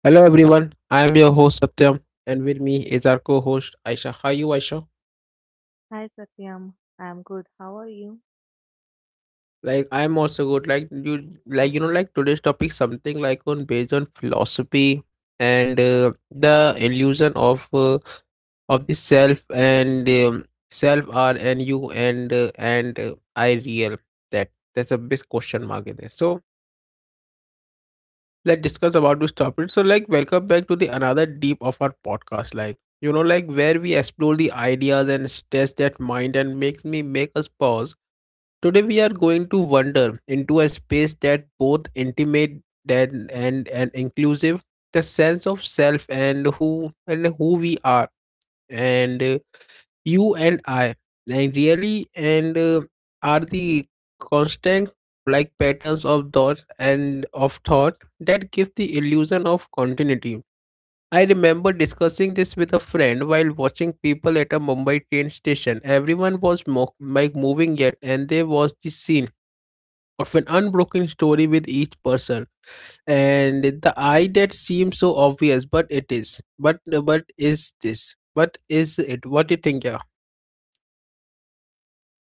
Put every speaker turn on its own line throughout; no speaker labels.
Hello everyone, I am your host Satyam and with me is our co-host Aisha. How are you Aisha?
Hi Satyam, I'm good. How are you?
Like I am also good. Like, you know, today's topic something like on based on philosophy and the illusion of the self and self are and you and I real that's a big question mark in there. So let's discuss about this topic. So, like, welcome back to the another deep of our podcast. Like, you know, like where we explore the ideas and stress that mind and make us pause. Today, we are going to wander into a space that both intimate that and inclusive the sense of self and who we are and you and I, and really, and are the constant like patterns of thought and of thought that give the illusion of continuity. I remember discussing this with a friend while watching people at a Mumbai train station. Everyone was moving yet, and there was the scene of an unbroken story with each person. And the eye that seems so obvious, but it is. But is this? But is it? What do you think? Yeah.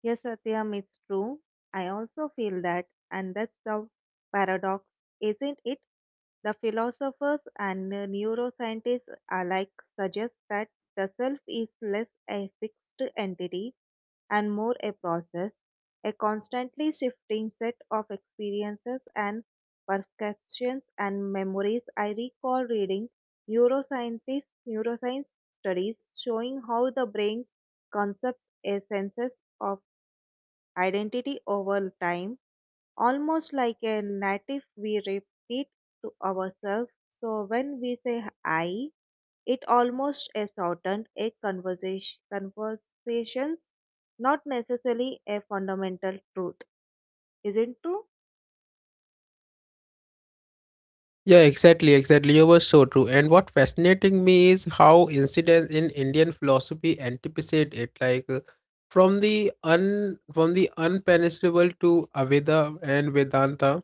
Yes, Satyam, it's true. I also feel that, and that's the paradox, isn't it? The philosophers and neuroscientists alike suggest that the self is less a fixed entity and more a process, a constantly shifting set of experiences and perceptions and memories. I recall reading neuroscience studies showing how the brain concepts a senses of identity over time, almost like a native we repeat to ourselves. So when we say I, it almost a shortened a conversation conversations, not necessarily a fundamental truth. Isn't true?
Yeah, exactly, exactly. You were so true. And what fascinating me is how incidents in Indian philosophy anticipate it, from the unpenetrable to Aveda and Vedanta.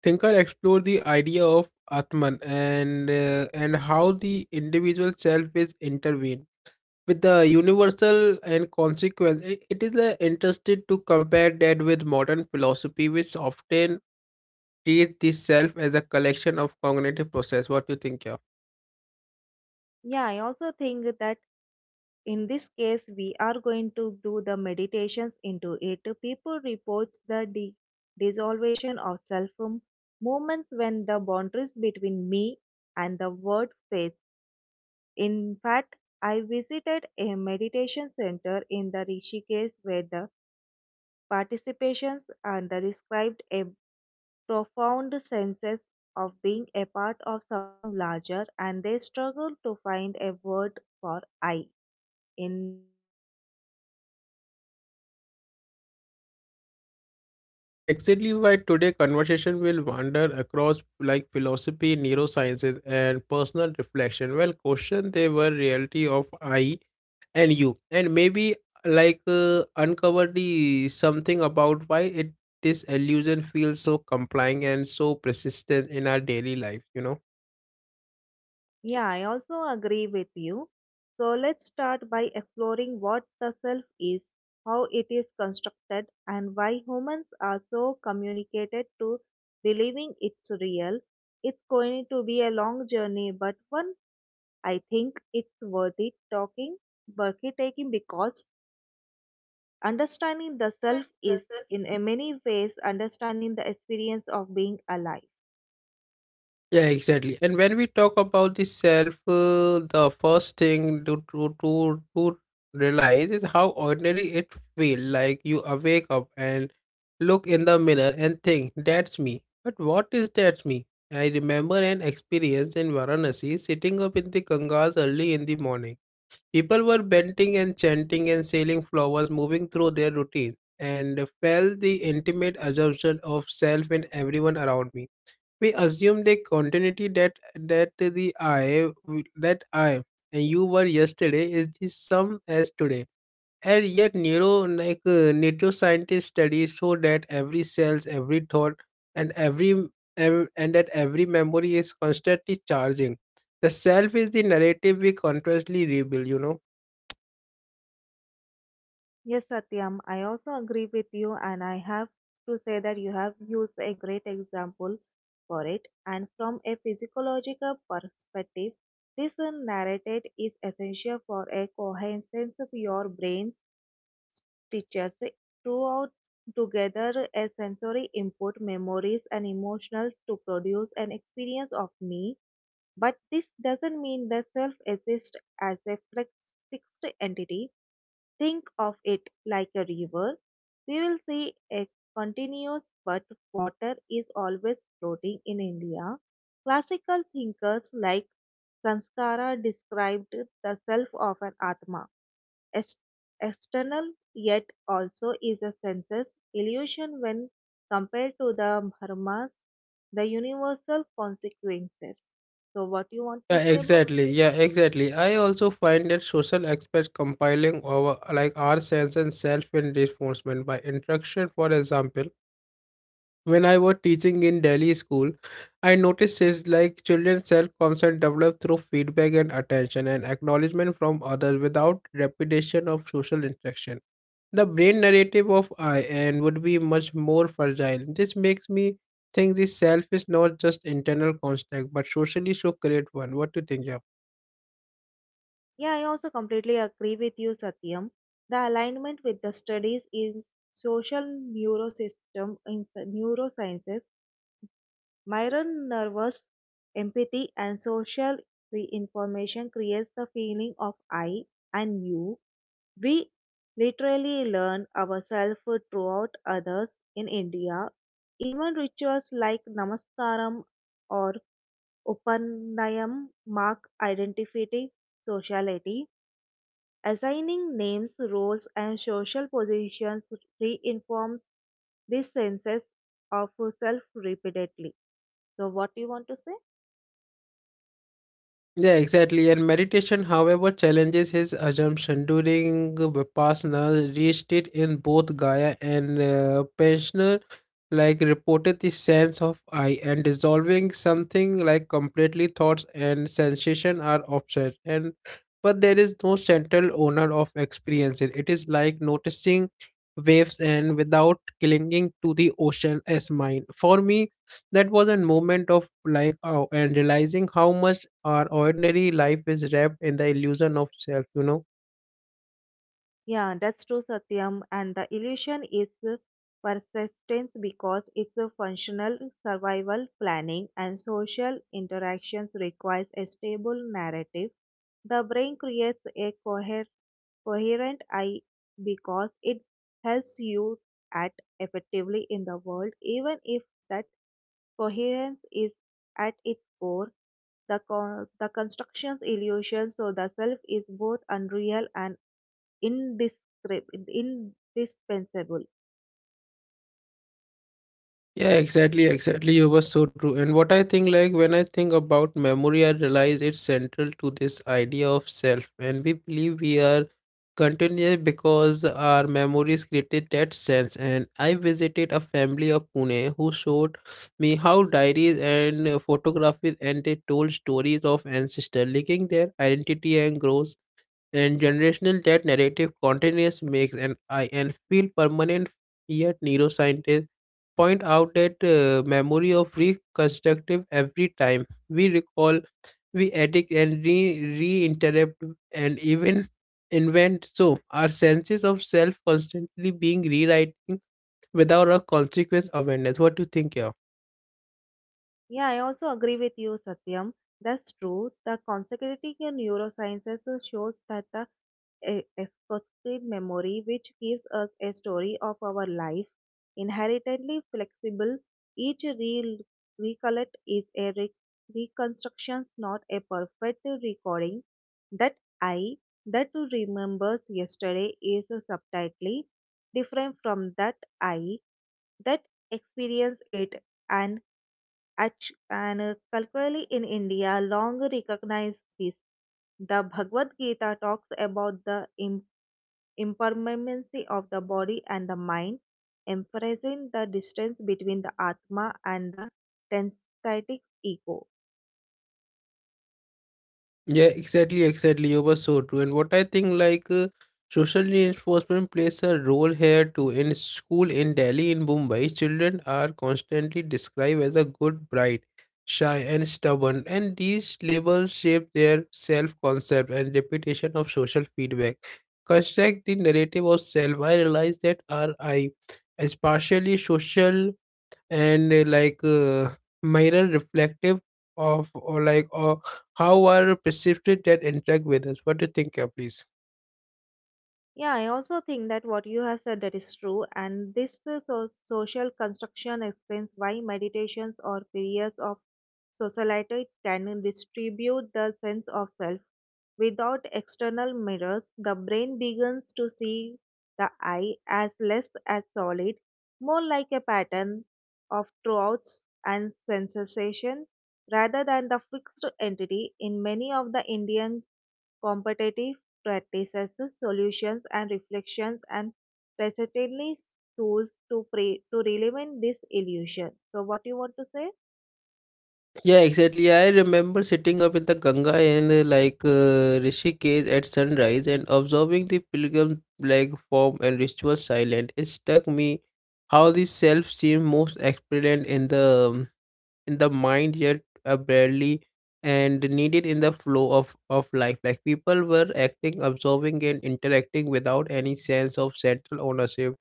Thinker explore the idea of Atman and how the individual self is intervened with the universal and consequence. It is interested to compare that with modern philosophy, which often treat this self as a collection of cognitive process. What do you think, yeah?
Yeah, I also think that in this case we are going to do the meditations into it people reports the dissolution of self movements when the boundaries between me and the world fades in fact I visited a meditation center in the rishikesh where the participations and the described a profound senses of being a part of something larger and they struggle to find a word for I in that experiences. So, how do you like it?
Yeah, that exactly why today conversation will wander across like philosophy, neurosciences, and personal reflection. Well, question they were reality of I and you, and maybe uncover the something about why it this illusion feels so complying and so persistent in our daily life. You know.
Yeah, I also agree with you. So, let's start by exploring what the self is, how it is constructed, and why humans are so communicated to believing it's real. It's going to be a long journey, but one I think it's worth it talking, worth it taking because understanding the self is, in a many ways, understanding the experience of being alive.
Yeah, exactly. And when we talk about the self, the first thing to realize is how ordinary it feel. Like you awake up and look in the mirror and think, "That's me." But what is that me? I remember an experience in Varanasi, sitting up in the Gangas early in the morning. People were bending and chanting and sailing flowers, moving through their routine, and felt the intimate assumption of self in everyone around me we assume the continuity that the I w- that I and you were yesterday is the same as today and yet neuroscientists studies show that every cells every thought and every ev- and that every memory is constantly charging. The self is the narrative we constantly rebuild, you know.
Yes, Satyam, I also agree with you, and I have to say that you have used a great example for it. And from a physiological perspective, this narrative is essential for a coherence of your brain's teachers throughout together a sensory input, memories, and emotions to produce an experience of me, but this doesn't mean the self exists as a fixed entity. Think of it like a river. We will see a continuous, but water is always floating in India. Classical thinkers like Sanskara described the self of an Atma Ex- external yet also is a senses illusion when compared to the Brahmas, the universal consequences. So, what you want to
Yeah,
say about it?
exactly, yeah, exactly, I also find that social experts compiling our like our sense and self in reinforcement by interaction. For example, when I was teaching in Delhi school, I noticed it's like children's self-concept develop through feedback and attention and acknowledgement from others without repetition of social interaction. The brain narrative of I and would be much more fragile. This makes me think the self is not just internal construct but socially should create one. What do you think?
Yeah, I also completely agree with you, Satyam. The alignment with the studies in social neurosystem in neurosciences, Myron nervous empathy and social reinformation creates the feeling of I and you. We literally learn ourselves throughout others in India. Even rituals like Namaskaram or Upanayam mark identity, sociality. Assigning names, roles, and social positions reinforms these senses of self repeatedly. So, what do you want to say?
Yeah, exactly. And meditation, however, challenges his assumption. During Vipassana, reached it in both Gaya and Pensioner, like reported the sense of I and dissolving something like completely thoughts and sensation are offset. And but there is no central owner of experiences. It is like noticing waves and without clinging to the ocean as mine. For me, that was a moment of like oh, and realizing how much our ordinary life is wrapped in the illusion of self, you know.
Yeah, that's true, Satyam. And the illusion is persistence because it's a functional survival planning and social interactions requires a stable narrative. The brain creates a coherent I because it helps you act effectively in the world, even if that coherence is at its core the, the construction's illusion, so the self is both unreal and indispensable.
Yeah, exactly, exactly. You were so true. And what I think, like, when I think about memory, I realize it's central to this idea of self. And we believe we are continuous because our memories created that sense. And I visited a family of Pune who showed me how diaries and photographies and they told stories of ancestors, linking their identity and growth and generational that narrative continuous makes an I and feel permanent. Yet neuroscientists point out that memory of reconstructive every time we recall, we edit and re re-interrupt and even invent. So our senses of self constantly being rewriting without a consequence awareness. What do you think, yeah?
Yeah, I also agree with you, Satyam. That's true. The consecutive in neurosciences shows that the a exclusive memory which gives us a story of our life. Inherently flexible, each recollect is a reconstruction, not a perfect recording. That I that remembers yesterday is subtly different from that I that experience it, and culturally in India long recognize this. The Bhagavad Gita talks about the impermanency of the body and the mind, emphasizing the distance between the Atma and the tensitic ego.
Yeah, exactly, exactly. You were so true. And what I think, social reinforcement plays a role here too. In school in Delhi, in Mumbai, children are constantly described as a good bright, shy, and stubborn. And these labels shape their self concept and reputation of social feedback. Construct the narrative of self. I realize that our I is partially social and mirror reflective of or how are perceived that interact with us. What do you think, yeah, please?
Yeah, I also think that what you have said that is true, and this social construction explains why meditations or periods of socialite can distribute the sense of self. Without external mirrors, the brain begins to see the eye as less as solid, more like a pattern of thoughts and sensation rather than the fixed entity in many of the Indian competitive practices, solutions and reflections and presently tools to to eliminate this illusion. So what you want to say?
Yeah, exactly, I remember sitting up in the ganga and rishikesh at sunrise and observing the pilgrim like form and ritual silent. It struck me how the self seemed most experienced in the mind yet barely and needed in the flow of life. Like people were acting, observing, and interacting without any sense of central ownership.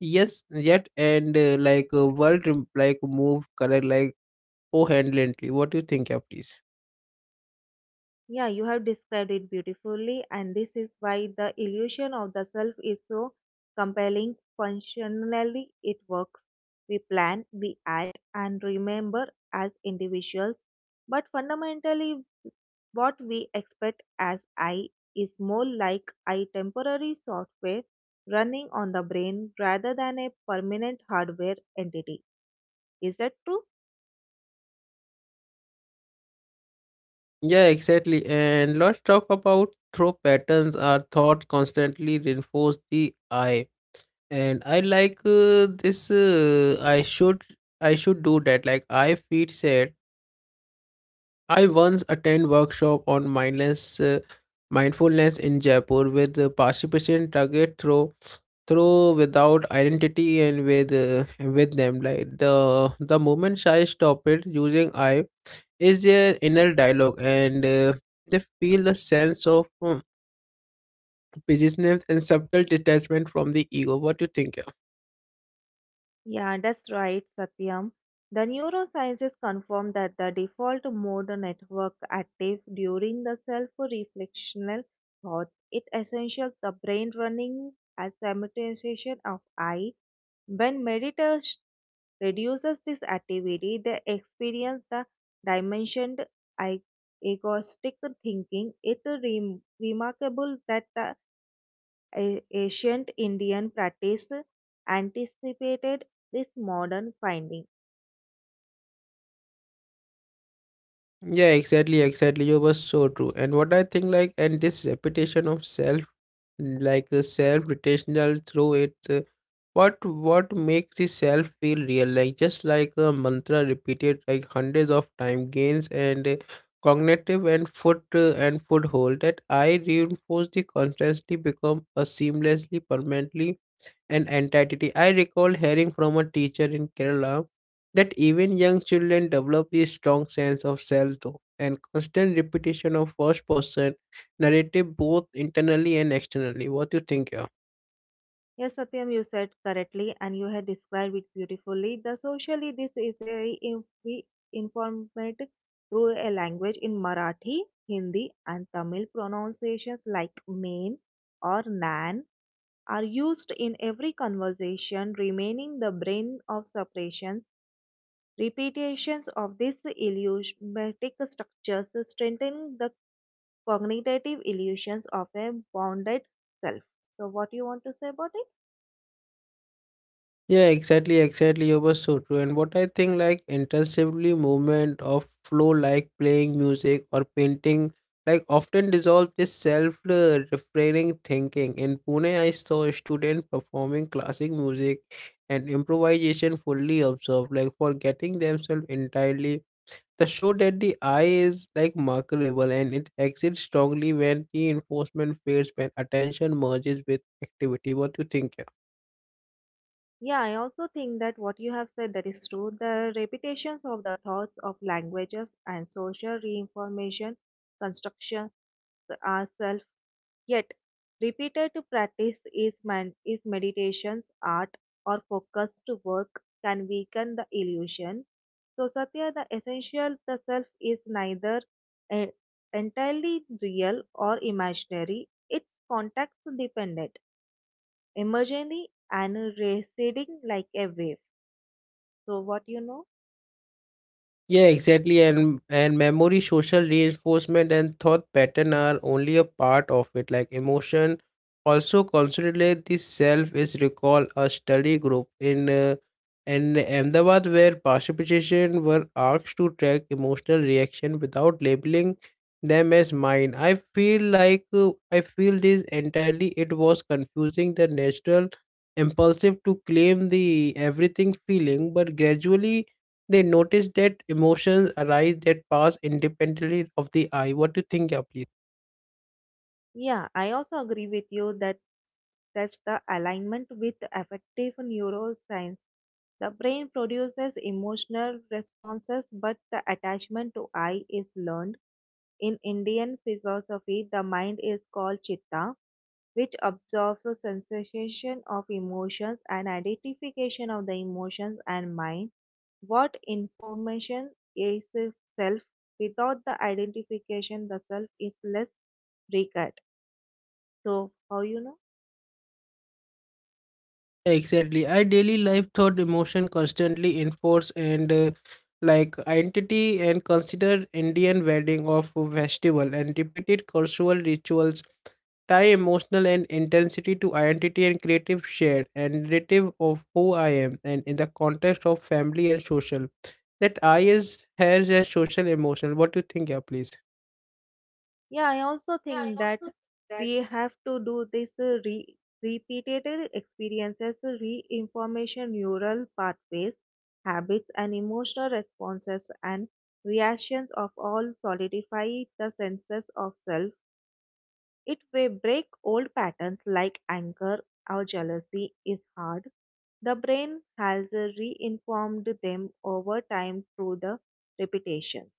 Yes, yet and like world move correct like coherently. What do you think, yeah, please?
Yeah, you have described it beautifully, and this is why the illusion of the self is so compelling. Functionally, it works. We plan, we act, and remember as individuals, but fundamentally, what we expect as I is more like a temporary software running on the brain rather than a permanent hardware entity. Is that true?
Yeah, exactly. And let's talk about throw patterns are thought constantly reinforce the I. And I this. I should do that. Like I feel sad. I once attend workshop on mindless mindfulness in Jaipur with participant target through without identity and with them like the moment I stop it using I is their inner dialogue and they feel the sense of business and subtle detachment from the ego. What do you think?
Yeah, that's right, Satyam. The neurosciences confirm that the default mode network active during the self-reflectional thoughts. It essential the brain running as simultaneation of I. When meditators reduces this activity, they experience the dimensioned ag- agoristic thinking. It is remarkable that the ancient Indian practice anticipated this modern finding.
Yeah, exactly, exactly. You were so true. And what I think, like, and this repetition of self, self-rotational through it, what makes the self feel real? Like just like a mantra repeated like hundreds of time gains and cognitive and foothold that I reinforce the constantly become a seamlessly permanently and entity. I recall hearing from a teacher in Kerala that even young children develop a strong sense of self though, and constant repetition of first person narrative both internally and externally. What do you think here?
Yes, Satyam, you said correctly and you had described it beautifully. The socially, this is very informative through a language in Marathi, Hindi, and Tamil pronunciations like main or nan are used in every conversation, remaining the brain of separations. Repetitions of these idiomatic structures strengthen the cognitive illusions of a bounded self. So, what do you want to say about it?
Yeah, exactly, exactly. You were so true. And what I think, like intensively movement of flow, like playing music or painting, like often dissolve this self-refraining thinking. In Pune, I saw a student performing classic music and improvisation fully observed, like forgetting themselves entirely. The show that the eye is like marketable and it exits strongly when reinforcement fades when attention merges with activity. What do you think?
Yeah, I also think that what you have said that is true. The repetitions of the thoughts of languages and social reinformation construction are self. Yet, repeated practice is, is meditation's art or focused work can weaken the illusion. So, Satya, the essential, the self is neither eh, entirely real or imaginary, it's context dependent, emerging and receding like a wave. So, what you know?
Yeah, exactly. And memory, social reinforcement, and thought pattern are only a part of it. Like emotion also consolidate the self is recall a study group in Ahmedabad where participation were asked to track emotional reaction without labeling them as mine. I feel I feel this entirely. It was confusing the natural impulsive to claim the everything feeling, but gradually they notice that emotions arise that pass independently of the eye. What do you think, yeah, please?
Yeah, I also agree with you that that's the alignment with affective neuroscience. The brain produces emotional responses, but the attachment to I is learned. In Indian philosophy, the mind is called chitta, which absorbs the sensation of emotions and identification of the emotions and mind. What information is self? Without the identification, the self is less recurred. So, how you know?
Exactly. I daily life thought emotion constantly enforce and like identity and consider Indian wedding of festival and repeated cultural rituals tie emotional and intensity to identity and creative shared and narrative of who I am and in the context of family and social. That I is has a social emotional. What do you think, yeah, please?
Yeah, I also think that we have to do this repeated experiences, re neural pathways, habits, and emotional responses and reactions of all solidify the senses of self. It will break old patterns like anger or jealousy is hard. The brain has reinformed them over time through the repetitions.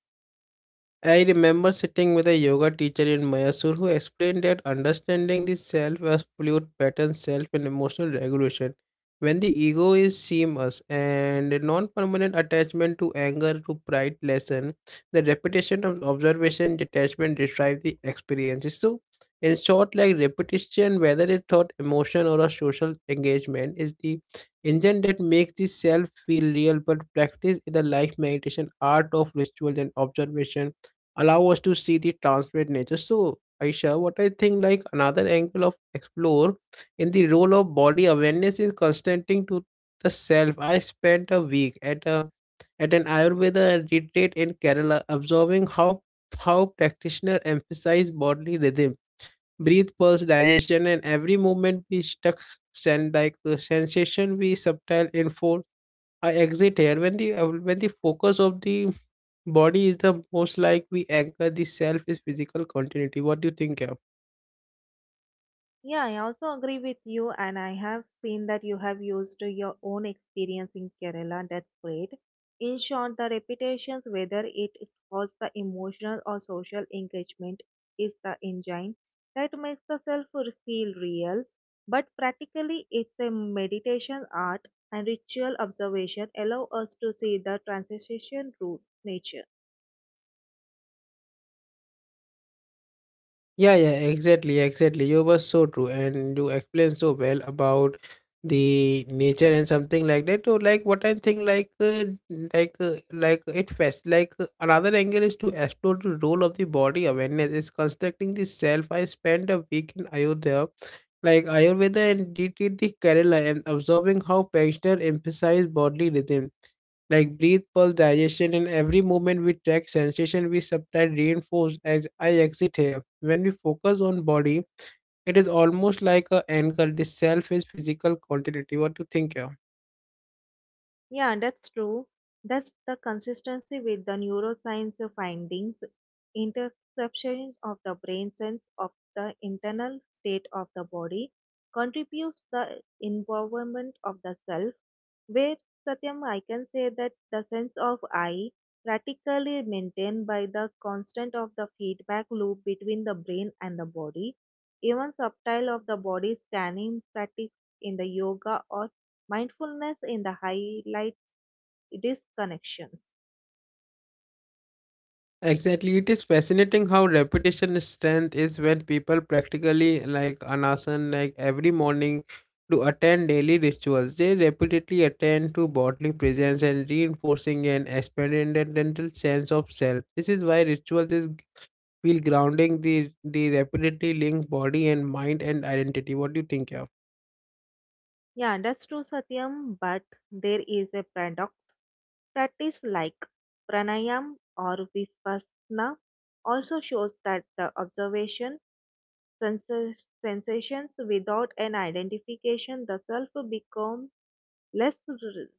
I remember sitting with a yoga teacher in Mysore who explained that understanding the self as fluid pattern, self and emotional regulation. When the ego is seamless and non-permanent attachment to anger to pride lesson, the repetition of observation detachment describe the experiences. So, in short, like repetition, whether it thought emotion or a social engagement, is the engine that makes the self feel real. But practice in a life meditation, art of ritual and observation allow us to see the transparent nature. So, Aisha, what I think like another angle of explore in the role of body awareness is consenting to the self. I spent a week at an Ayurveda retreat in Kerala, observing how practitioners emphasize bodily rhythm, breathe, pulse, digestion, and every movement we stuck send like the sensation we subtle unfold. I exit here when the focus of the body is the most like we anchor the self is physical continuity. What do you think, yeah?
Yeah, I also agree with you, and I have seen that you have used your own experience in Kerala. That's great. In short, the repetitions, whether it was the emotional or social engagement, is the engine that makes the self feel real. But practically, it's a meditation art and ritual observation allow us to see the transition through nature.
Yeah, yeah, exactly, exactly. You were so true, and you explained so well about the nature and something like that. So, like, what I think, it fast. Another angle is to explore the role of the body awareness is constructing the self. I spent a week in Ayodhya, like Ayurveda and DT the Kerala, and observing how practitioners emphasize bodily rhythm like breathe, pulse, digestion, and every movement we track sensation we subtly reinforce as I exit here. When we focus on body, it is almost like a anchor. The self is physical continuity. What do you think here?
Yeah, that's true. That's the consistency with the neuroscience findings. Interception of the brain sense of the internal state of the body contributes the involvement of the self. Where Satyam, I can say that the sense of I practically maintained by the constant of the feedback loop between the brain and the body. Even subtle of the body scanning practice in the yoga or mindfulness in the highlight it is connections.
Exactly. It is fascinating how repetition strength is when people practically like anasan like every morning to attend daily rituals. They repeatedly attend to bodily presence and reinforcing an experimental sense of self. This is why rituals is feel grounding the repetitively link body and mind and identity. What do you think here?
Yeah, that's true, Satyam, but there is a paradox. Practice like pranayam or vipassana also shows that the observation senses, sensations without an identification the self becomes less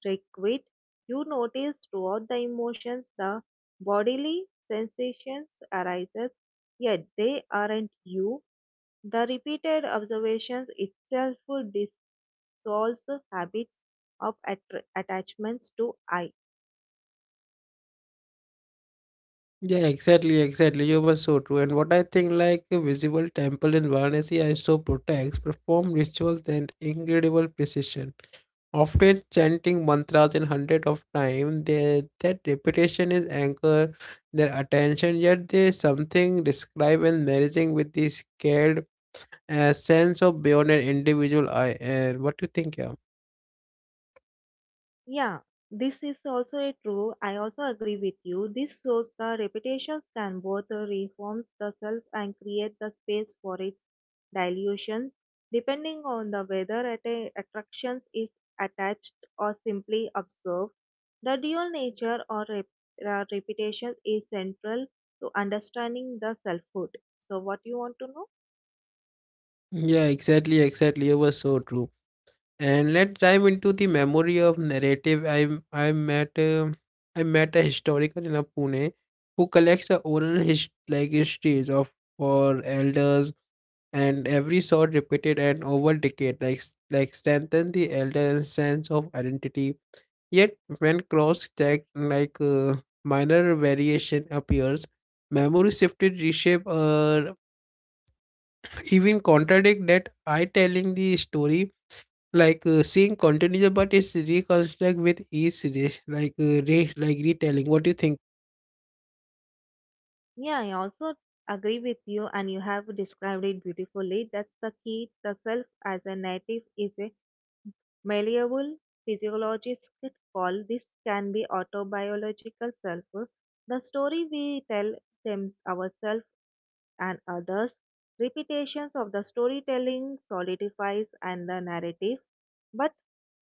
requite. You notice throughout the emotions the bodily sensations arises, yet they aren't you. The repeated observations itself dissolves habits of attachments to I.
Yeah, exactly, exactly. You were so true. And what I think, like a visible temple in Varanasi, I so protects perform rituals and incredible precision. Often chanting mantras in hundred of time, their that repetition is anchor their attention. Yet there is something described and merging with the scaled sense of beyond an individual I. And what do you think, yeah?
Yeah, this is also a true. I also agree with you. This shows the repetitions can both reforms the self and create the space for its dilutions, depending on the whether attractions is attached or simply observed. The dual nature or repetition is central to understanding the selfhood. So, what you want to know?
Yeah, exactly, exactly. You were so true. And let's dive into the memory of narrative. I met um I met a historian in a Pune who collects the oral his, like histories of for elders and every sort repeated and over decade like s- like strengthen the elder's sense of identity. Yet when cross checked minor variation appears, memory shifted reshape or even contradict that I telling the story seeing continues but it's reconstruct with each dish like retelling. What do you think?
Yeah, I also agree with you, and you have described it beautifully. That's the key. The self as a native is a malleable physiologists could call this can be autobiological self. The story we tell them ourselves and others, repetitions of the storytelling solidifies and the narrative, but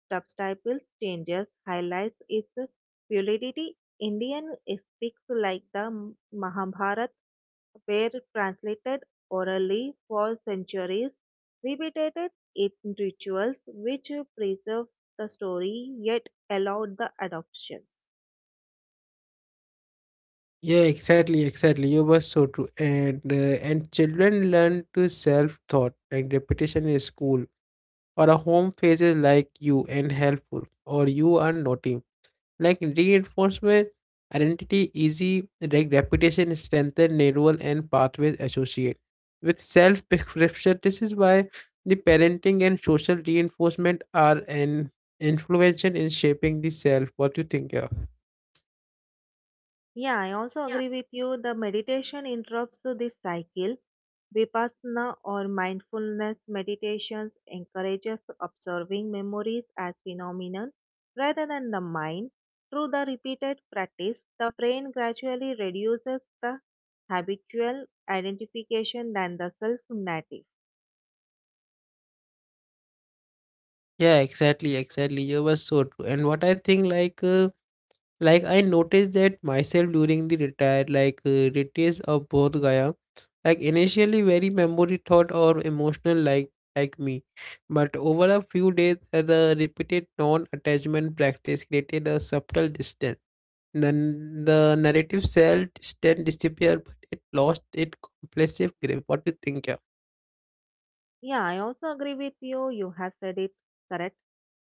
subtitles changes highlights its fluidity. Indian epics like the Mahabharata were translated orally for centuries, repeated in rituals which preserves the story yet allowed the adoption.
Yeah, exactly, exactly. You were so true. And children learn to self thought like repetition in school or a home phase is like you and helpful or you are naughty like reinforcement identity easy like reputation strengthen neural and pathways associate with self prescription. This is why the parenting and social reinforcement are an influential in shaping the self. What do you think, yeah?
Yeah, I also agree with you. The meditation interrupts this cycle. Vipassana or mindfulness meditations encourages observing memories as phenomenon rather than the mind. Through the repeated practice, the brain gradually reduces the habitual identification than the self narrative.
Yeah, exactly, exactly. You were so true. And what I think like I noticed that myself during the retire retreats of both Gaya, like initially very memory thought or emotional like me, but over a few days the repeated non-attachment practice created a subtle distance, then the narrative self distance disappeared but it lost its compulsive grip. What do you think, yeah?
Yeah, I also agree with you. You have said it correct.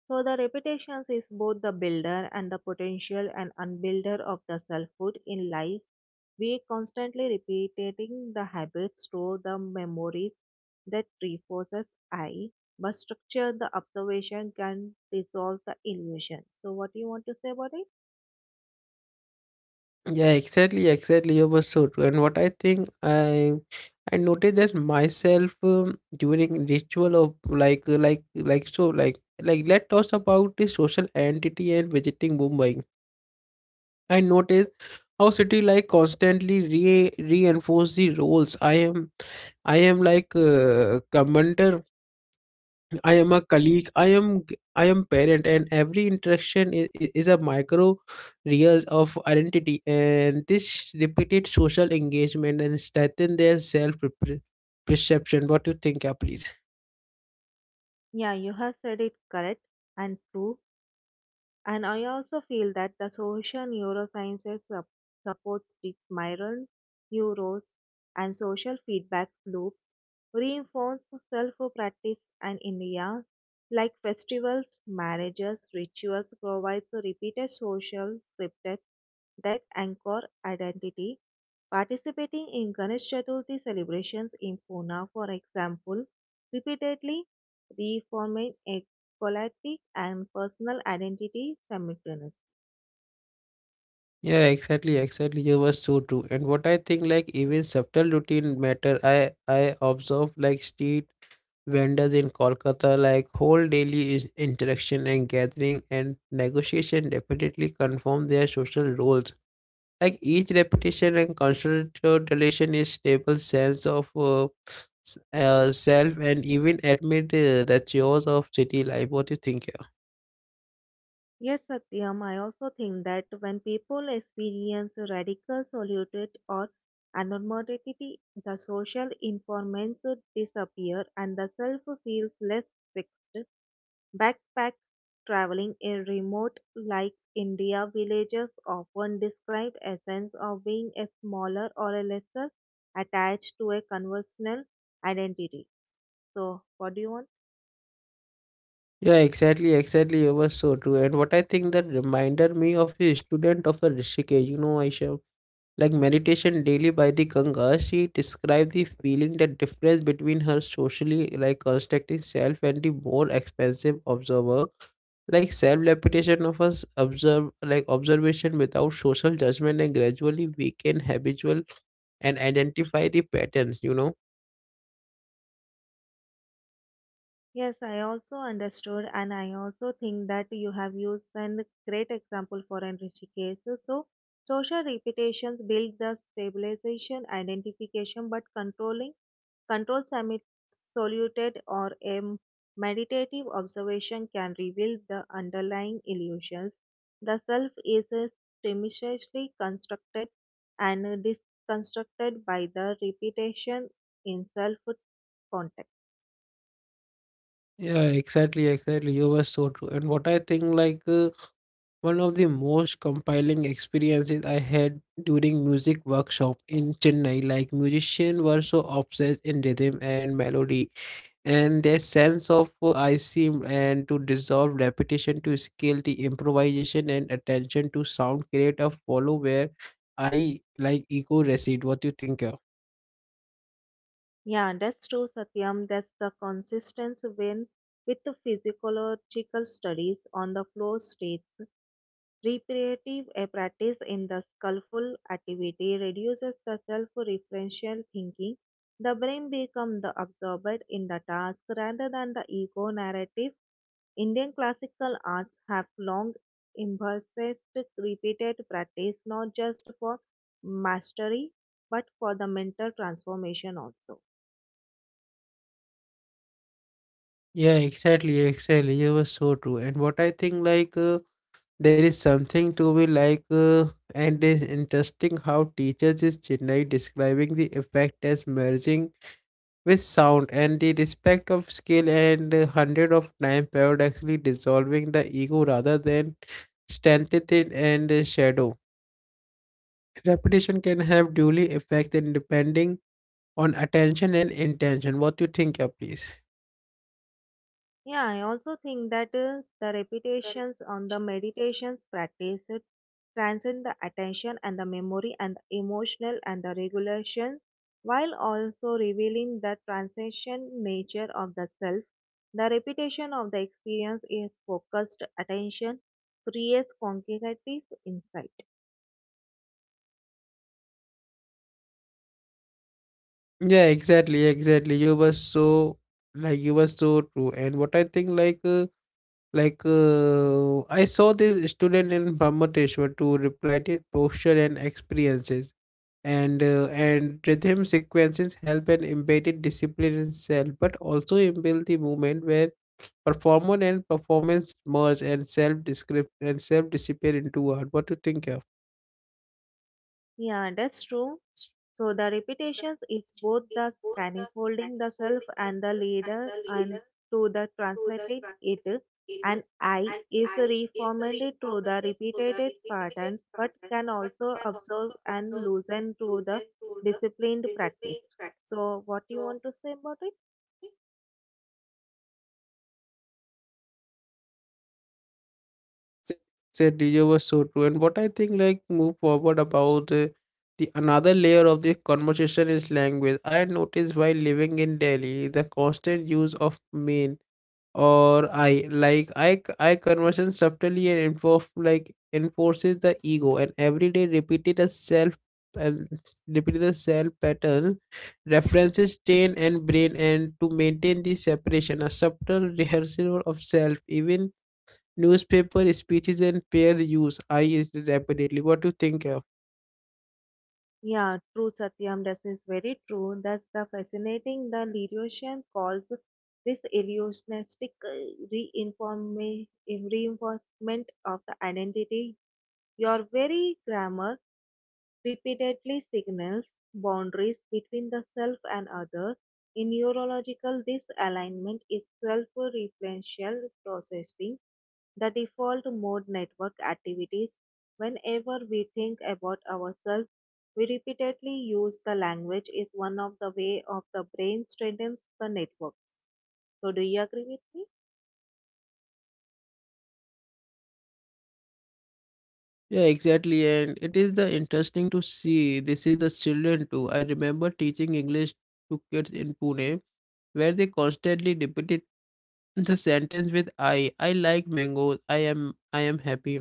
So the reputations is both the builder and the potential and unbuilder of the selfhood in life. We constantly repeating the habits through the memories that reinforces I, but structure the observation can dissolve the illusion. So what do you want to say about it?
Yeah, exactly, exactly. You were so true. And what I think I noticed that myself during ritual of let's talk about the social identity and visiting Mumbai. I noticed how city like constantly re reinforce the roles. I am like commander, I am a colleague. I am parent, and every interaction is a micro layers of identity. And this repeated social engagement and strengthen their self perception. What do you think, yeah, please?
Yeah, you have said it correct and true. And I also feel that the social neurosciences supports the spiral neurons and social feedback loops, reinforce self-practice and India, like festivals, marriages, rituals provides a repeated social scripted that anchor identity. Participating in Ganesh Chaturthi celebrations in Pune, for example, repeatedly reformed politic and personal identity simultaneously.
Yeah, exactly, exactly. You were so true. And what I think, like even subtle routine matter. I observe like street vendors in Kolkata, like whole daily is- interaction and gathering and negotiation definitely confirm their social roles like each repetition and constant relation is stable sense of self and even admit the chores of city life. What do you think here?
Yes, Satyam, I also think that when people experience radical solitude or anonymity, the social informants disappear and the self feels less fixed. Backpacks traveling in remote, like India, villages often described a sense of being a smaller or a lesser attached to a conventional identity. So, what do you want?
Yeah, exactly, exactly, it was so true. And what I think that reminded me of a student of a Rishikesh, you know, Aisha. Like meditation daily by the Ganga, she described the feeling the difference between her socially like constructing self and the more expensive observer. Like self-reputation of us observe like observation without social judgment and gradually weaken habitual and identify the patterns, you know.
Yes, I also understood, and I also think that you have used a great example for enriching cases. So, social repetitions build the stabilization, identification, but controlling control soluted or a meditative observation can reveal the underlying illusions. The self is premisely constructed and disconstructed by the repetition in self context.
Yeah, exactly, exactly. You were so true. And what I think one of the most compelling experiences I had during music workshop in Chennai, like musicians were so obsessed in rhythm and melody, and their sense of I seem and to dissolve repetition to skill, the improvisation and attention to sound create a follow where I like echo recede. What you think, uh?
Yeah, that's true, Satyam. That's the consistency when with the physiological studies on the flow states. Repetitive practice in the skillful activity reduces the self-referential thinking. The brain becomes the absorbed in the task rather than the ego narrative. Indian classical arts have long emphasized repeated practice not just for mastery but for the mental transformation also.
Yeah, exactly, exactly. You were so true. And what I think there is something to be and it's interesting how teachers is Chennai describing the effect as merging with sound and the respect of skill and hundred of time paradoxically dissolving the ego rather than strengthen it and shadow. Repetition can have duly effect in depending on attention and intention. What you think, yeah, please?
Yeah, I also think that the repetitions on the meditations practice transcend the attention and the memory and the emotional and the regulation while also revealing the transcendent nature of the self. The repetition of the experience is focused attention creates cognitive insight.
Yeah, exactly, exactly. You were so you were so true. And what I think I saw this student in Brahmateshwar to replied it posture and experiences, and rhythm sequences help and embedded discipline in self, but also inbuilt the movement where performer and performance merge and self descript and self disappear into art. What do you think, yeah?
Yeah, that's true. So the repetitions is both the scaffolding the self and the leader and to the translated it and I is reformed through the repeated patterns but can also observe and loosen through the disciplined practice. So what do you want to say about it?
said said DJ was so true. And what I think like move forward about the another layer of this conversation is language. I noticed while living in Delhi the constant use of main or I like I conversation subtly and enforce like enforces the ego and every day repeated a self and repeated the self pattern references train and brain and to maintain the separation a subtle rehearsal of self, even newspaper speeches and peer use I used rapidly. What do you think of?
Yeah, true, Satyam. That is very true. That's the fascinating. The Lirosian calls this illusionistic reinforcement of the identity. Your very grammar repeatedly signals boundaries between the self and other. In neurological, this alignment is self-referential processing, the default mode network activities. Whenever we think about ourselves, we repeatedly use the language is one of the way of the brain strengthens the network. So do you agree with me?
Yeah, exactly. And it is the interesting to see this is the children too. I remember teaching English to kids in Pune where they constantly repeated the sentence with I. I like mangoes. I am happy.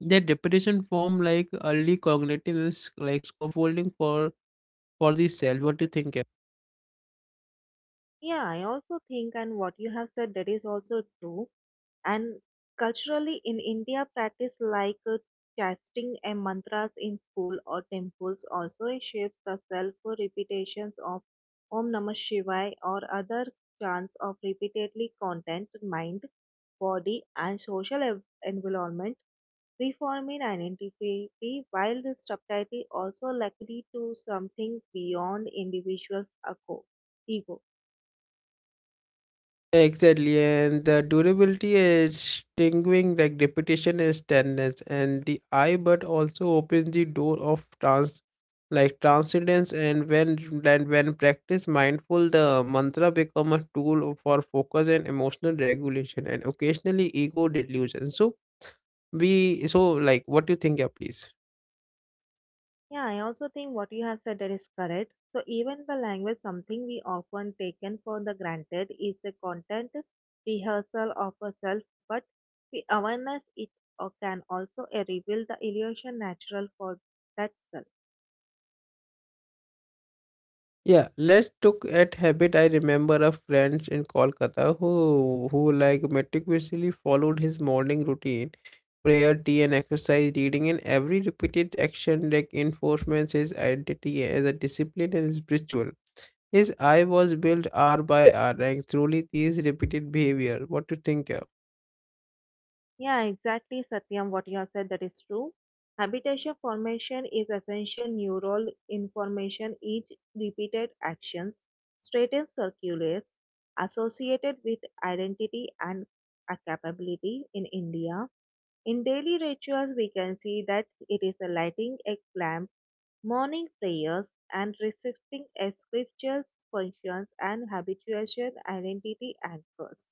Their repetition form like early cognitive is like scaffolding for the self. What do you think?
Yeah, I also think, and what you have said, that is also true. And culturally, in India, practice like chanting and mantras in school or temples also shapes the self repetitions of Om Namah Shivaya or other chants of repeatedly content mind, body, and social environment. Reforming identity while the subtitle also likely to something beyond individual's ego.
Exactly, and the durability is stinging like repetition is tenderness and the eye, but also opens the door of trans, like transcendence. And when practice mindful, the mantra become a tool for focus and emotional regulation, and occasionally ego delusion. So we so like what do you think, yeah, please?
Yeah, I also think what you have said that is correct. So even the language, something we often taken for the granted, is the content rehearsal of a self, but the awareness it can also reveal the illusion natural for that self.
Yeah, let's look at habit. I remember a friend in Kolkata who like meticulously followed his morning routine, prayer, tea, and exercise, reading, and every repeated action like enforcements his identity as a discipline and spiritual. His eye was built hour by hour, and truly these repeated behavior. What to think of?
Yeah, exactly, Satyam. What you have said that is true. Habitation formation is essential neural information. Each repeated actions straightens circulates associated with identity and a capability in India. In daily rituals, we can see that it is the lighting a lamp, morning prayers, and reciting a scriptures, functions, and habituation, identity anchors.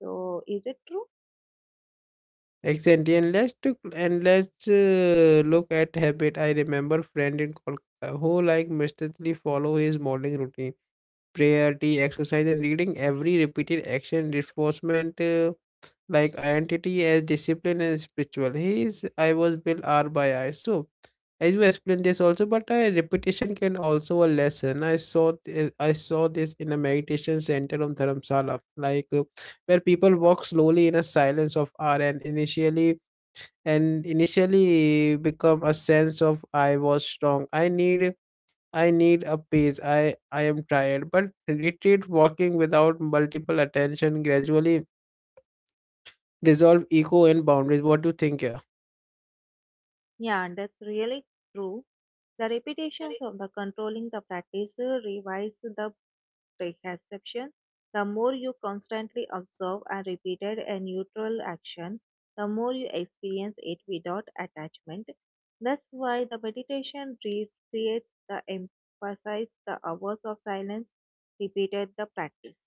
So, is it true?
Exactly, and let's look at habit. I remember friend in Kolkata who like mistakenly follow his morning routine, prayer, tea, exercise, and reading, every repeated action reinforcement like identity as discipline and spiritual. He I was built R by I. So as you explained this also, but repetition can also a lesson. I saw this in a meditation center on Dharamsala, where people walk slowly in a silence of R and initially become a sense of I was strong. I need a pace. I am tired. But retreat walking without multiple attention gradually dissolve ego and boundaries. What do you think here?
Yeah, and that's really true. The repetitions of the controlling the practice revise the perception. The more you constantly observe and repeated a neutral action, the more you experience it without attachment. That's why the meditation recreates the emphasize the hours of silence repeated the practice.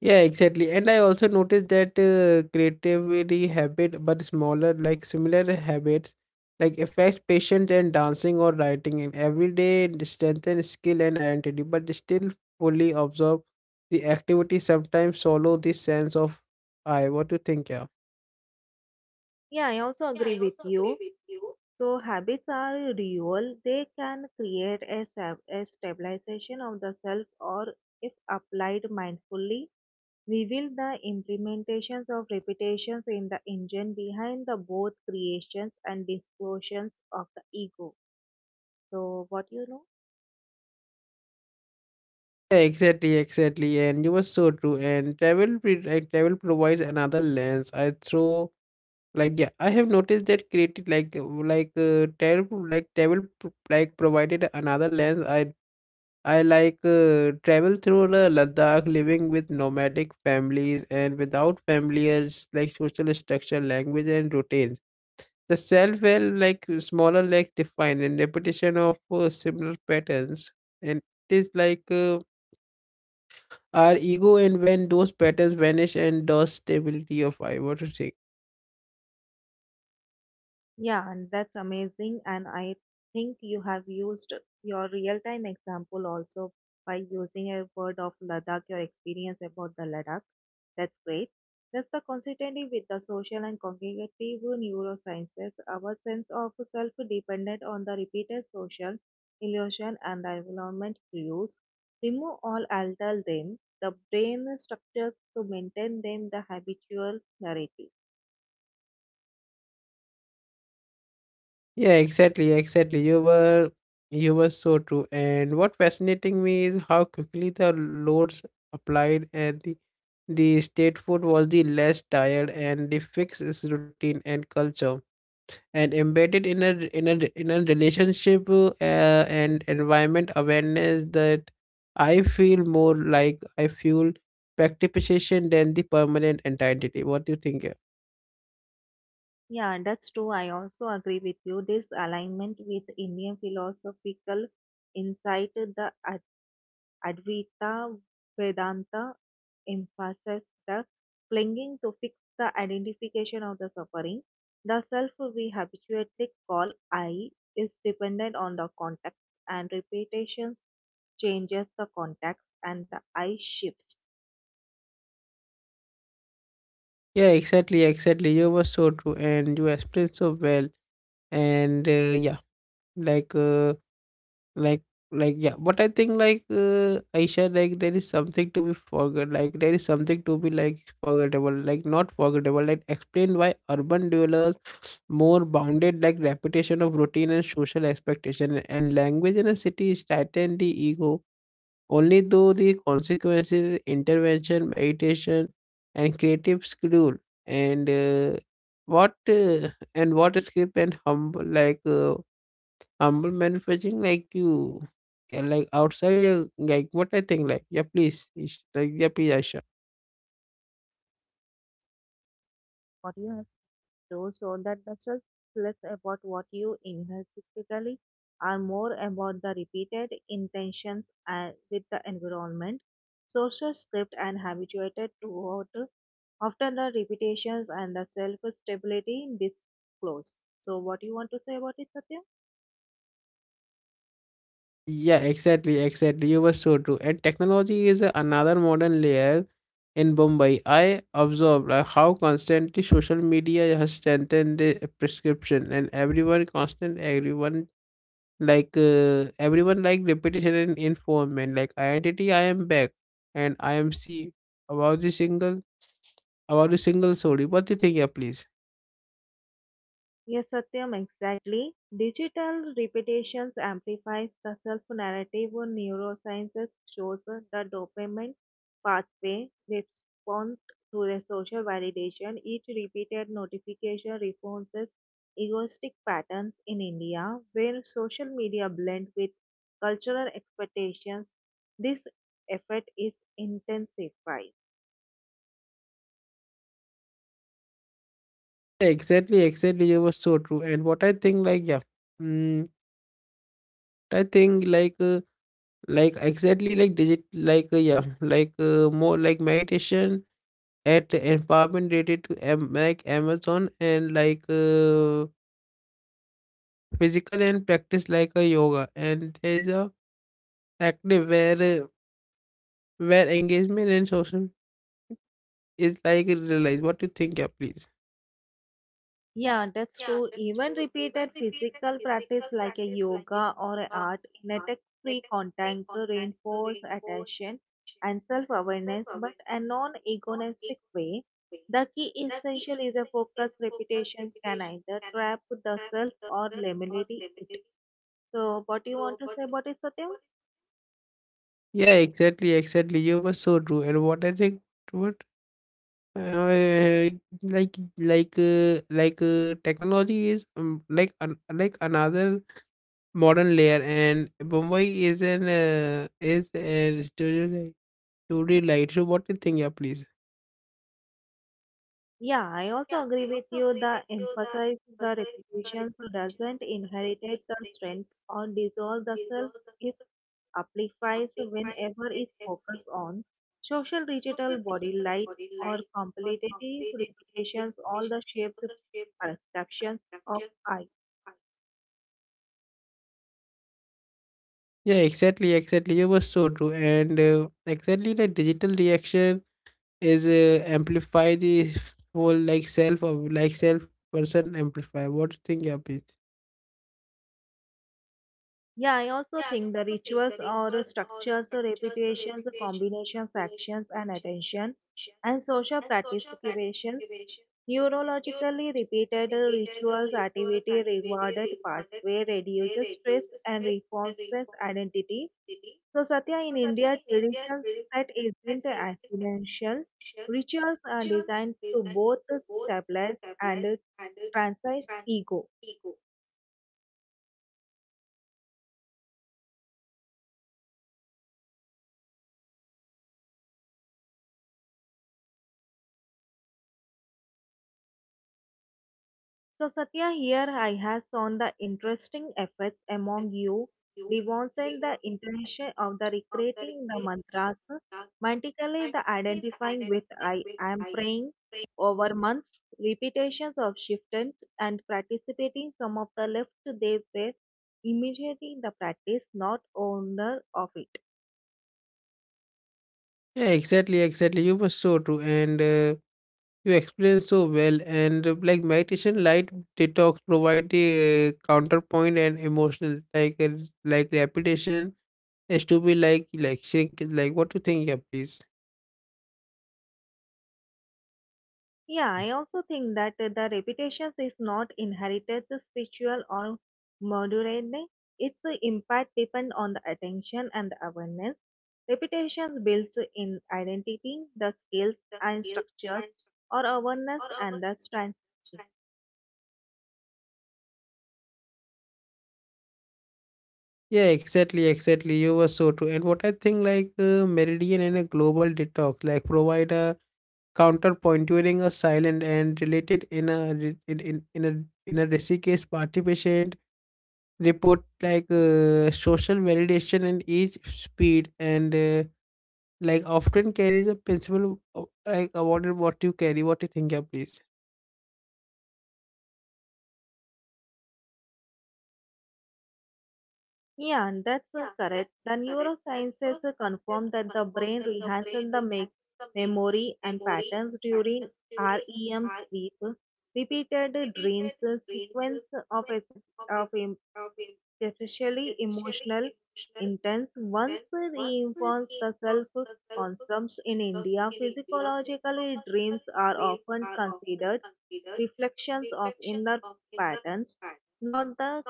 Yeah, exactly. And I also noticed that creativity habit, but smaller, like similar habits, like affects patience and dancing or writing and everyday strengthen skill and identity, but still fully absorb the activity. Sometimes solo the sense of I. What do you think here?
Yeah, I also agree with you. So habits are dual. They can create a, a stabilization of the self or if applied mindfully, reveal the implementations of repetitions in the engine behind the both creations and distortions of the ego. So what you know?
Exactly, exactly, and you were so true. And travel, pre- like, travel provides another lens. I throw like Yeah, I have noticed that creative like travel pro- like travel pro- like provided another lens. I like travel through the Ladakh, living with nomadic families and without familiars like social structure, language, and routines. The self well like smaller like defined and repetition of similar patterns, and it is our ego and when those patterns vanish and the stability of I. What to say?
Yeah, and that's amazing. And I think you have used your real time example also by using a word of Ladakh, your experience about the Ladakh. That's great. That's the consistency with the social and cognitive neurosciences. Our sense of self dependent on the repeated social illusion and the environment cues. Remove all, alter them. The brain structures to maintain them the habitual narrative.
Yeah, exactly, exactly. You were so true. And what fascinating me is how quickly the loads applied and the state food was the less tired and the fixed routine and culture and embedded in a in a in a relationship and environment awareness that I feel participation than the permanent identity. What do you think, yeah?
Yeah, that's true. I also agree with you. This alignment with Indian philosophical insight, the Advaita Vedanta emphasizes the clinging to fix the identification of the suffering. The self we habitually call I is dependent on the context, and repetitions changes the context, and the I shifts.
Yeah, exactly, exactly. You were so true, and you explained so well. And yeah, like uh, like like yeah. But I think Aisha, like there is something to be forgot. Like there is something to be like forgettable. Like not forgettable. Like explain why urban dwellers more bounded like repetition of routine and social expectation and language in a city tighten the ego only though the consequences intervention meditation and creative schedule and what and what skip and humble humble manufacturing like you yeah, like outside yeah like what I think like yeah please like yeah please Aisha.
What do you have? Too, so that the stress is less about what you inhale specifically and more about the repeated intentions with the environment. Social script and habituated to what after the repetitions and the self stability disclose. So, what do you want to say about it, Satya?
Yeah, exactly, exactly. You were so true. And technology is another modern layer in Mumbai. I observed like, how constantly social media has strengthened the prescription, and everyone constant, everyone everyone like repetition and information. Like identity, I am back, and I am see about the single about the single story. What do you think, yeah, please?
Yes, Satyam, exactly. Digital repetitions amplifies the self-narrative. Neurosciences shows the dopamine pathway responds to the social validation. Each repeated notification reinforces egoistic patterns in India, where social media blend with cultural expectations. This effect is intensified.
Yeah, exactly, exactly. You were so true. And what I think, like, yeah, mm, I think like. Like exactly like digit yeah more like meditation at empowerment related to am like amazon and physical and practice like a yoga and there's a active where engagement and social is like realized. What do you think, yeah, please?
Yeah, that's true. Even repeated physical practice like a yoga or a art in a tech-free contact reinforce attention and self-awareness, but a non-agonistic way. The key essential is a focus. Repetitions can either trap the self or limit it. So, what do you want to say about it, Satyam?
Yeah, exactly, exactly, you were so true, and what I think, what uh, like technology is like an, like another modern layer and Mumbai is an is a studio light. So what do you think? Yeah, please.
Yeah, I also agree with you. The emphasize the repetitions doesn't inherit the strength or dissolve the self amplifies whenever is focused on social digital body light or competitive reputations all the shapes perceptions of I.
Yeah, exactly, exactly. You were so true, and exactly the digital reaction is amplify the whole like self of like self person amplify. What do you think? Yeah, please.
Yeah, I also think the rituals or structures, reputations, combinations, actions and attention and social participations. Neurologically repeated rituals activity rewarded pathway reduces stress and reforms identity. So, Satya, in India, traditions that isn't accidental, rituals are designed to both stabilize and transcend ego. So, Satya, here I have on the interesting efforts among you devoting the intention of the recreating the mantras, mentally the identifying with I am praying over months, repetitions of shifted and participating some of the left they were immediately the practice, not owner of it.
Yeah, exactly, exactly. You were so true, and you explained so well. And like meditation, light detox provide the counterpoint and emotional like repetition. Yes, to be like shrink is like what you think, yeah, please.
Yeah,
Mm.
I also think that the reputations is not inherited to spiritual or moderate. Its impact depends on the attention and the awareness. Reputations builds in identity, the skills and structures, or awareness and the strength.
Yeah, exactly, exactly. You were so true. And what I think, Meridian and a global detox, like provide a counterpoint during a silent and related in a in a in a risky case participant report social validation in each speed and like often carries a principle of, like about what you carry, what you think, yeah, please.
Yeah, and that's correct. The neurosciences confirm that the brain rehearses the memory and patterns during REM sleep. Repeated dreams, sequence of, ac- of em- especially emotional intense once reinforce the self concepts in India. Physiologically, dreams are often considered reflections of inner patterns, not the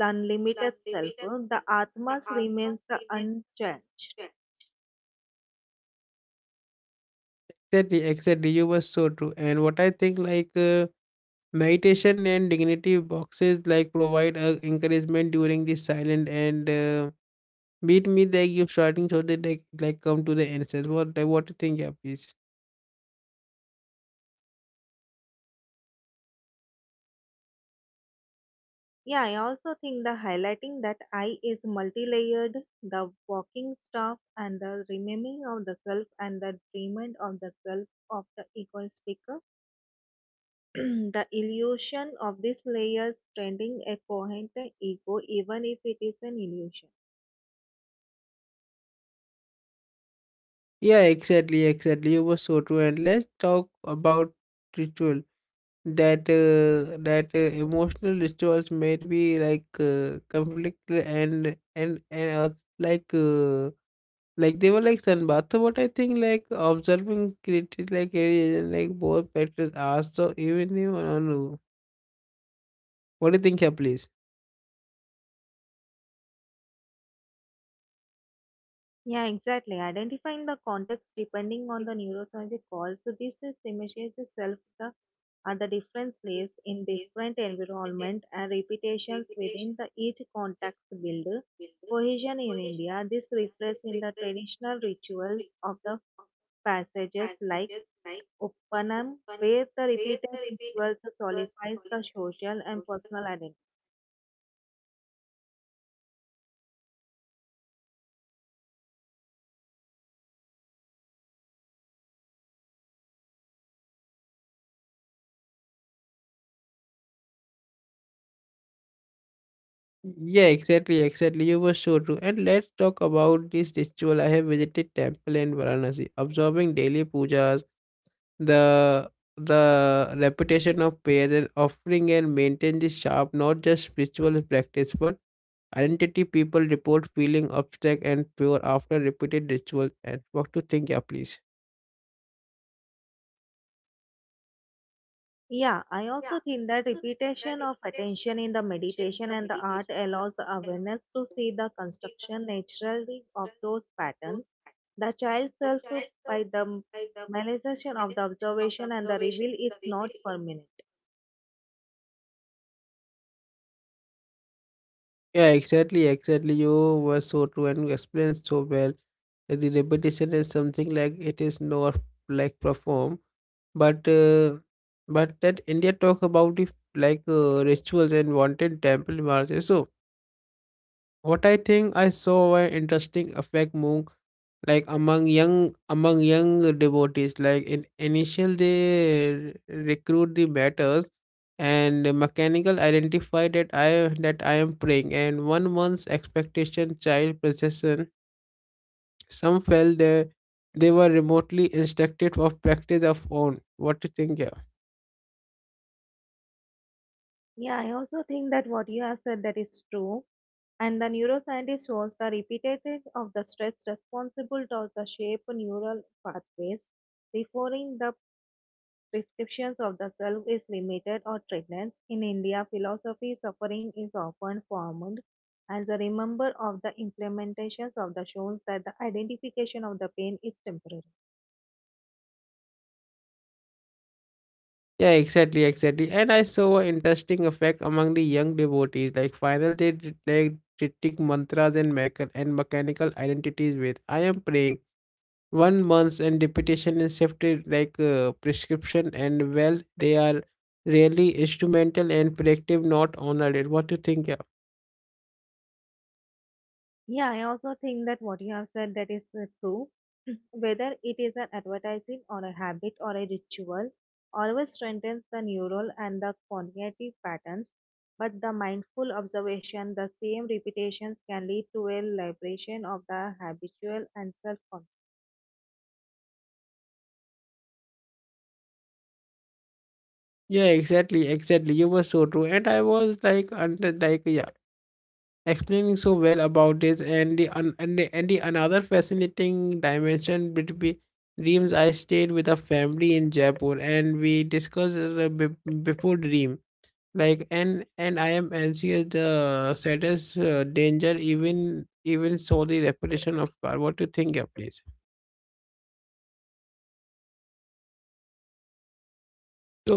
unlimited self, the Atmas remains the unchanged.
Exactly, exactly. You were so true. And what I think, like. Meditation and dignity boxes like provide encouragement during the silent and beat me that you starting so that they like come to the answers. What like, what do you think, yeah, please?
Yeah, I also think the highlighting that I is multi-layered, the walking staff and the remaining of the self and the dreaming of the self of the equal sticker. The illusion of these layers trending a coherent ego even if it is an illusion.
Yeah, exactly, exactly. You were so true. And let's talk about ritual. That emotional rituals may be conflict and like. Like they were like sunbath. So what I think like observing created like areas and like both factors are so even if on what do you think here please?
Yeah, exactly. Identifying the context depending on the neurosurgery calls. So this is images itself the are the different layers in different environment and repetitions within the each context build cohesion in India. This reflects in the traditional rituals of the passages like Uppanam, where the repeated rituals solidifies the social and personal identity.
Yeah, exactly, exactly. You were so true. And let's talk about this ritual. I have visited temple in Varanasi, observing daily pujas, the the reputation of prayers and offering and maintain this sharp, not just spiritual practice, but identity people report feeling abstract and pure after repeated rituals. And what to think, yeah, please?
Yeah, I also think that repetition of attention in the meditation and the art allows the awareness to see the construction naturally of those patterns. The child self by the realization of the observation and the reveal is not permanent.
Yeah, exactly, exactly. You were so true and you explained so well. The repetition is something like it is not like perform, but uh, but that India talk about if rituals and wanted temple marches. So what I think I saw an interesting effect among like among young devotees. Like in initial they recruit the matters and the mechanical identify that I am praying and 1 month's expectation child possession some felt they were remotely instructed of practice of own. What do you think? Yeah?
Yeah, I also think that what you have said that is true. And the neuroscientist shows the repetitive of the stress responsible to the shape neural pathways, referring the descriptions of the self is limited or treatments. In India, philosophy suffering is often formed as a remember of the implementations of the shows that the identification of the pain is temporary.
Yeah, exactly, exactly. And I saw an interesting effect among the young devotees. Like final they did like chanting mantras and and mechanical identities with I am praying. 1 month and repetition is shifted prescription and well they are really instrumental and predictive, not honored. What do you think? Yeah.
Yeah, I also think that what you have said that is true. Whether it is an advertising or a habit or a ritual, always strengthens the neural and the cognitive patterns. But the mindful observation, the same repetitions can lead to a liberation of the habitual and self conscious.
Yeah, exactly, exactly. You were so true. And I was like under like yeah, explaining so well about this and the and the another fascinating dimension between dreams. I stayed with a family in Jaipur and we discussed before dream like and I am anxious the saddest danger even so the reputation of car. What do you think, yeah, please? So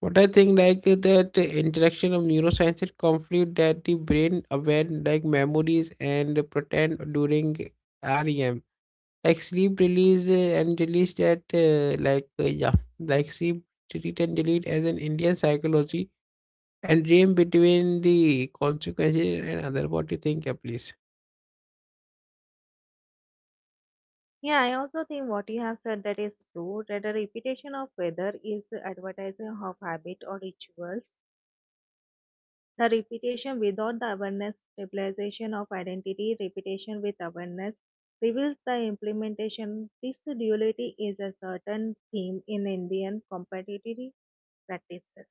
what I think that the interaction of neuroscience and conflict that the brain aware like memories and pretend during REM like sleep release and release that yeah like sleep treat and delete as an Indian psychology and dream between the consequences and other. What do you think, yeah, please?
Yeah, I also think what you have said that is true. That the repetition of whether is advertising of habit or rituals, the repetition without the awareness stabilization of identity, repetition with awareness reveals the implementation. This duality is a certain theme in Indian competitive practices.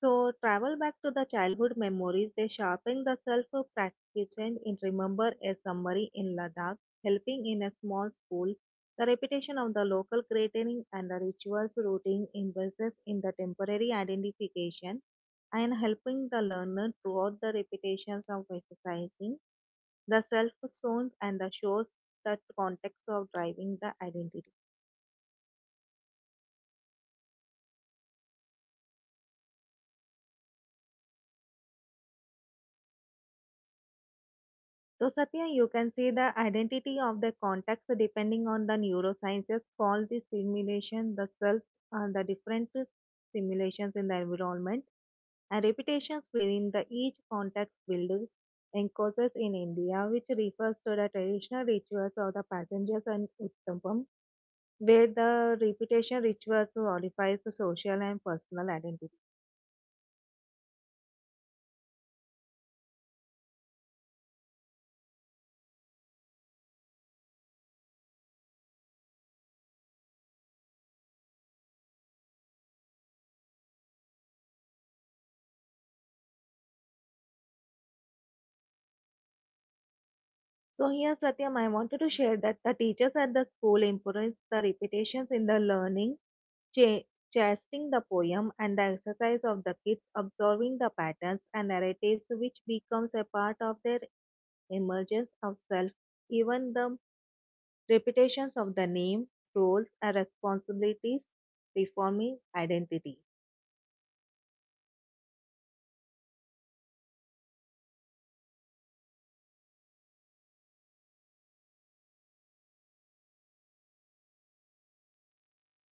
So travel back to the childhood memories. They sharpen the self-practicing in remember a summary in Ladakh, helping in a small school, the repetition of the local greeting and the rituals routine investors in the temporary identification and helping the learner throughout the repetitions of exercising, the self zones and the shows that context of driving the identity. So, Satya, you can see the identity of the context depending on the neurosciences called the simulation, the self, and the different simulations in the environment and repetitions within the each context build encounters in India, which refers to the traditional rituals of the passengers and Uttampam, where the repetition rituals modifies the social and personal identity. So here, Satyam, I wanted to share that the teachers at the school emphasize the repetitions in the learning Ch- chasing the poem and the exercise of the kids observing the patterns and narratives which becomes a part of their emergence of self even the repetitions of the name roles and responsibilities reforming identity.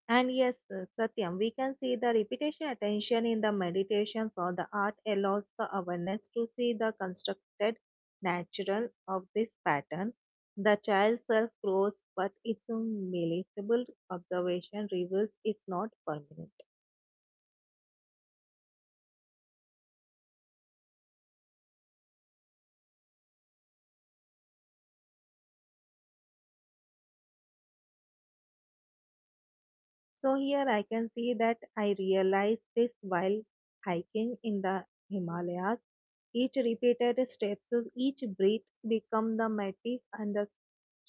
And yes, Satyam, we can see the repetition attention in the meditations or the art allows the awareness to see the constructed natural of this pattern. The child self grows, but its militable observation reveals it's not permanent. So here I can see that I realized this while hiking in the Himalayas. Each repeated steps, each breath become the motif and the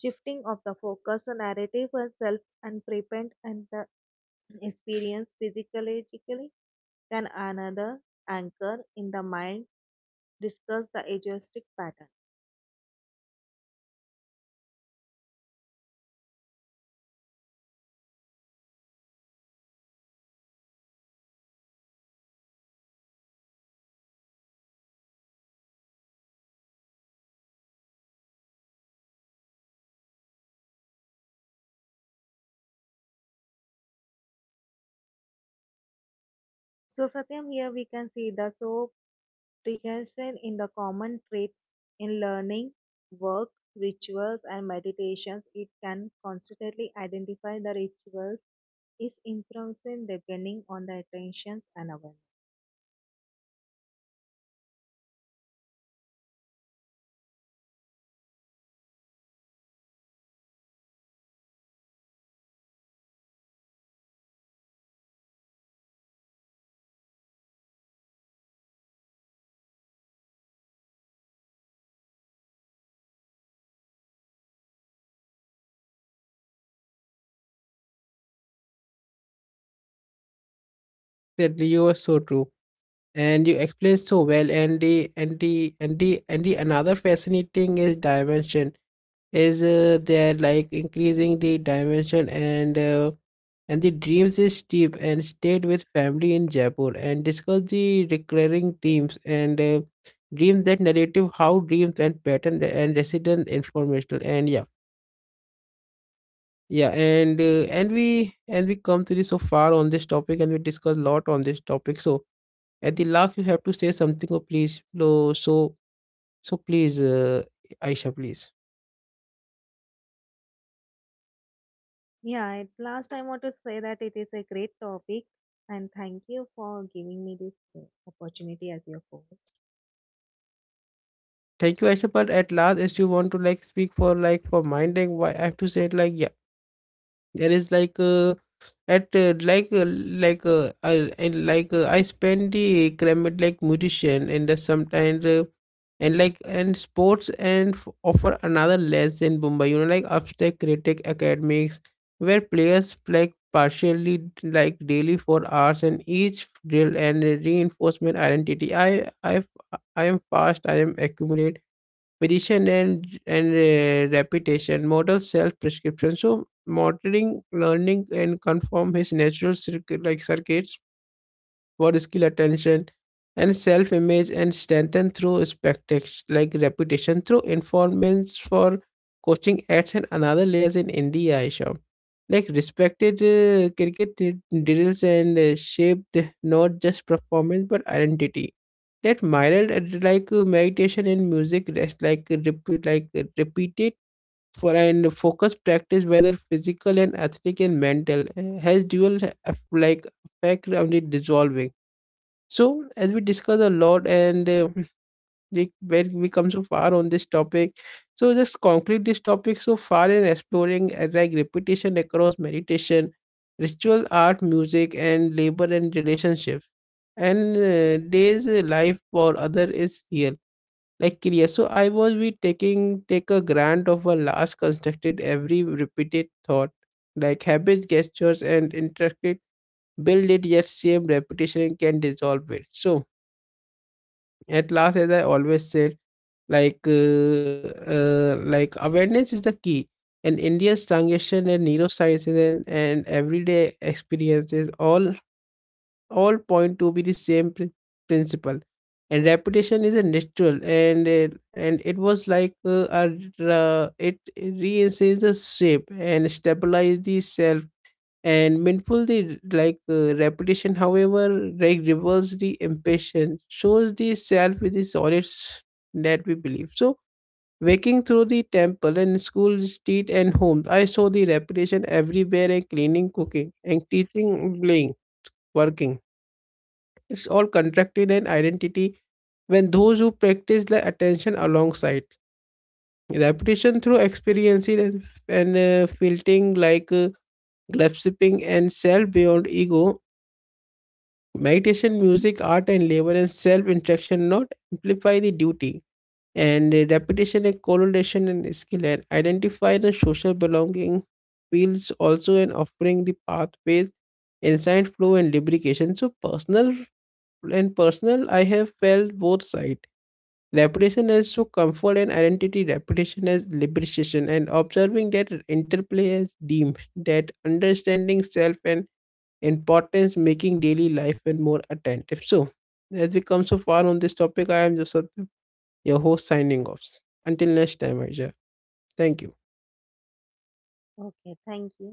shifting of the focus, the narrative and self and prevent and the experience physiologically can another anchor in the mind discuss the agoristic pattern. So Satyam here we can see the so rehearsal in the common traits in learning, work, rituals, and meditations, it can constantly identify the rituals is improvising depending on the attentions and awareness.
That you were so true and you explained so well and the and the another fascinating is dimension is there like increasing the dimension and the dreams is deep and stayed with family in Jaipur and discuss the recurring themes and dreams that narrative how dreams and pattern and resident informational and yeah yeah and and we come to this so far on this topic and we discuss a lot on this topic. So at the last you have to say something oh please so please Aisha please.
Yeah, at last I want to say that it is a great topic and thank you for giving me this opportunity as your host.
Thank you, Aisha. But at last, as you want to like speak for like for minding, why I have to say it like yeah, there is at I, and I spend the climate like musician and the sometimes and like and sports and offer another less in Mumbai. You know, like abstract critic academics where players like partially like daily for hours and each drill and reinforcement identity. I am fast. I am accumulate vision and and repetition model self prescription. So monitoring learning and conform his natural circuit like circuits for skill attention and self image and strengthen through like reputation through informants for coaching ads and another layers in India, Aisha. Like respected cricket drills and shaped not just performance but identity that myriad meditation and music rest repeated for and focus practice whether physical and athletic and mental has dual like effect on the dissolving. So as we discuss a lot and like where we come so far on this topic, so just conclude this topic so far in exploring like repetition across meditation ritual art music and labor and relationships and days life for other is real like clear. So I was be taking take a grant of a last constructed every repeated thought like habits gestures and interacted build it yet same repetition can dissolve it. So at last, as I always said, like uh, like awareness is the key. And India's transition and neurosciences and everyday experiences all point to be the same principle. And reputation is a natural, and it was a, it reinforces the shape and stabilize the self and mindful the repetition however like reverse the impatience shows the self with the solids that we believe. So waking through the temple and school street and homes I saw the repetition everywhere and cleaning cooking and teaching playing working it's all contracted and identity when those who practice the attention alongside repetition through experiencing and filtering grasping and self beyond ego. Meditation, music, art, and labor and self interaction not amplify the duty and repetition and correlation and skill and identify the social belonging feels also and offering the pathways insight flow and lubrication so personal and personal I have felt both side repetition as so comfort and identity repetition as liberation and observing that interplay as deemed that understanding self and importance making daily life and more attentive. So, as we come so far on this topic, I am Joseph, your host, signing off. Until next time, Aisha. Thank you.
Okay, thank you.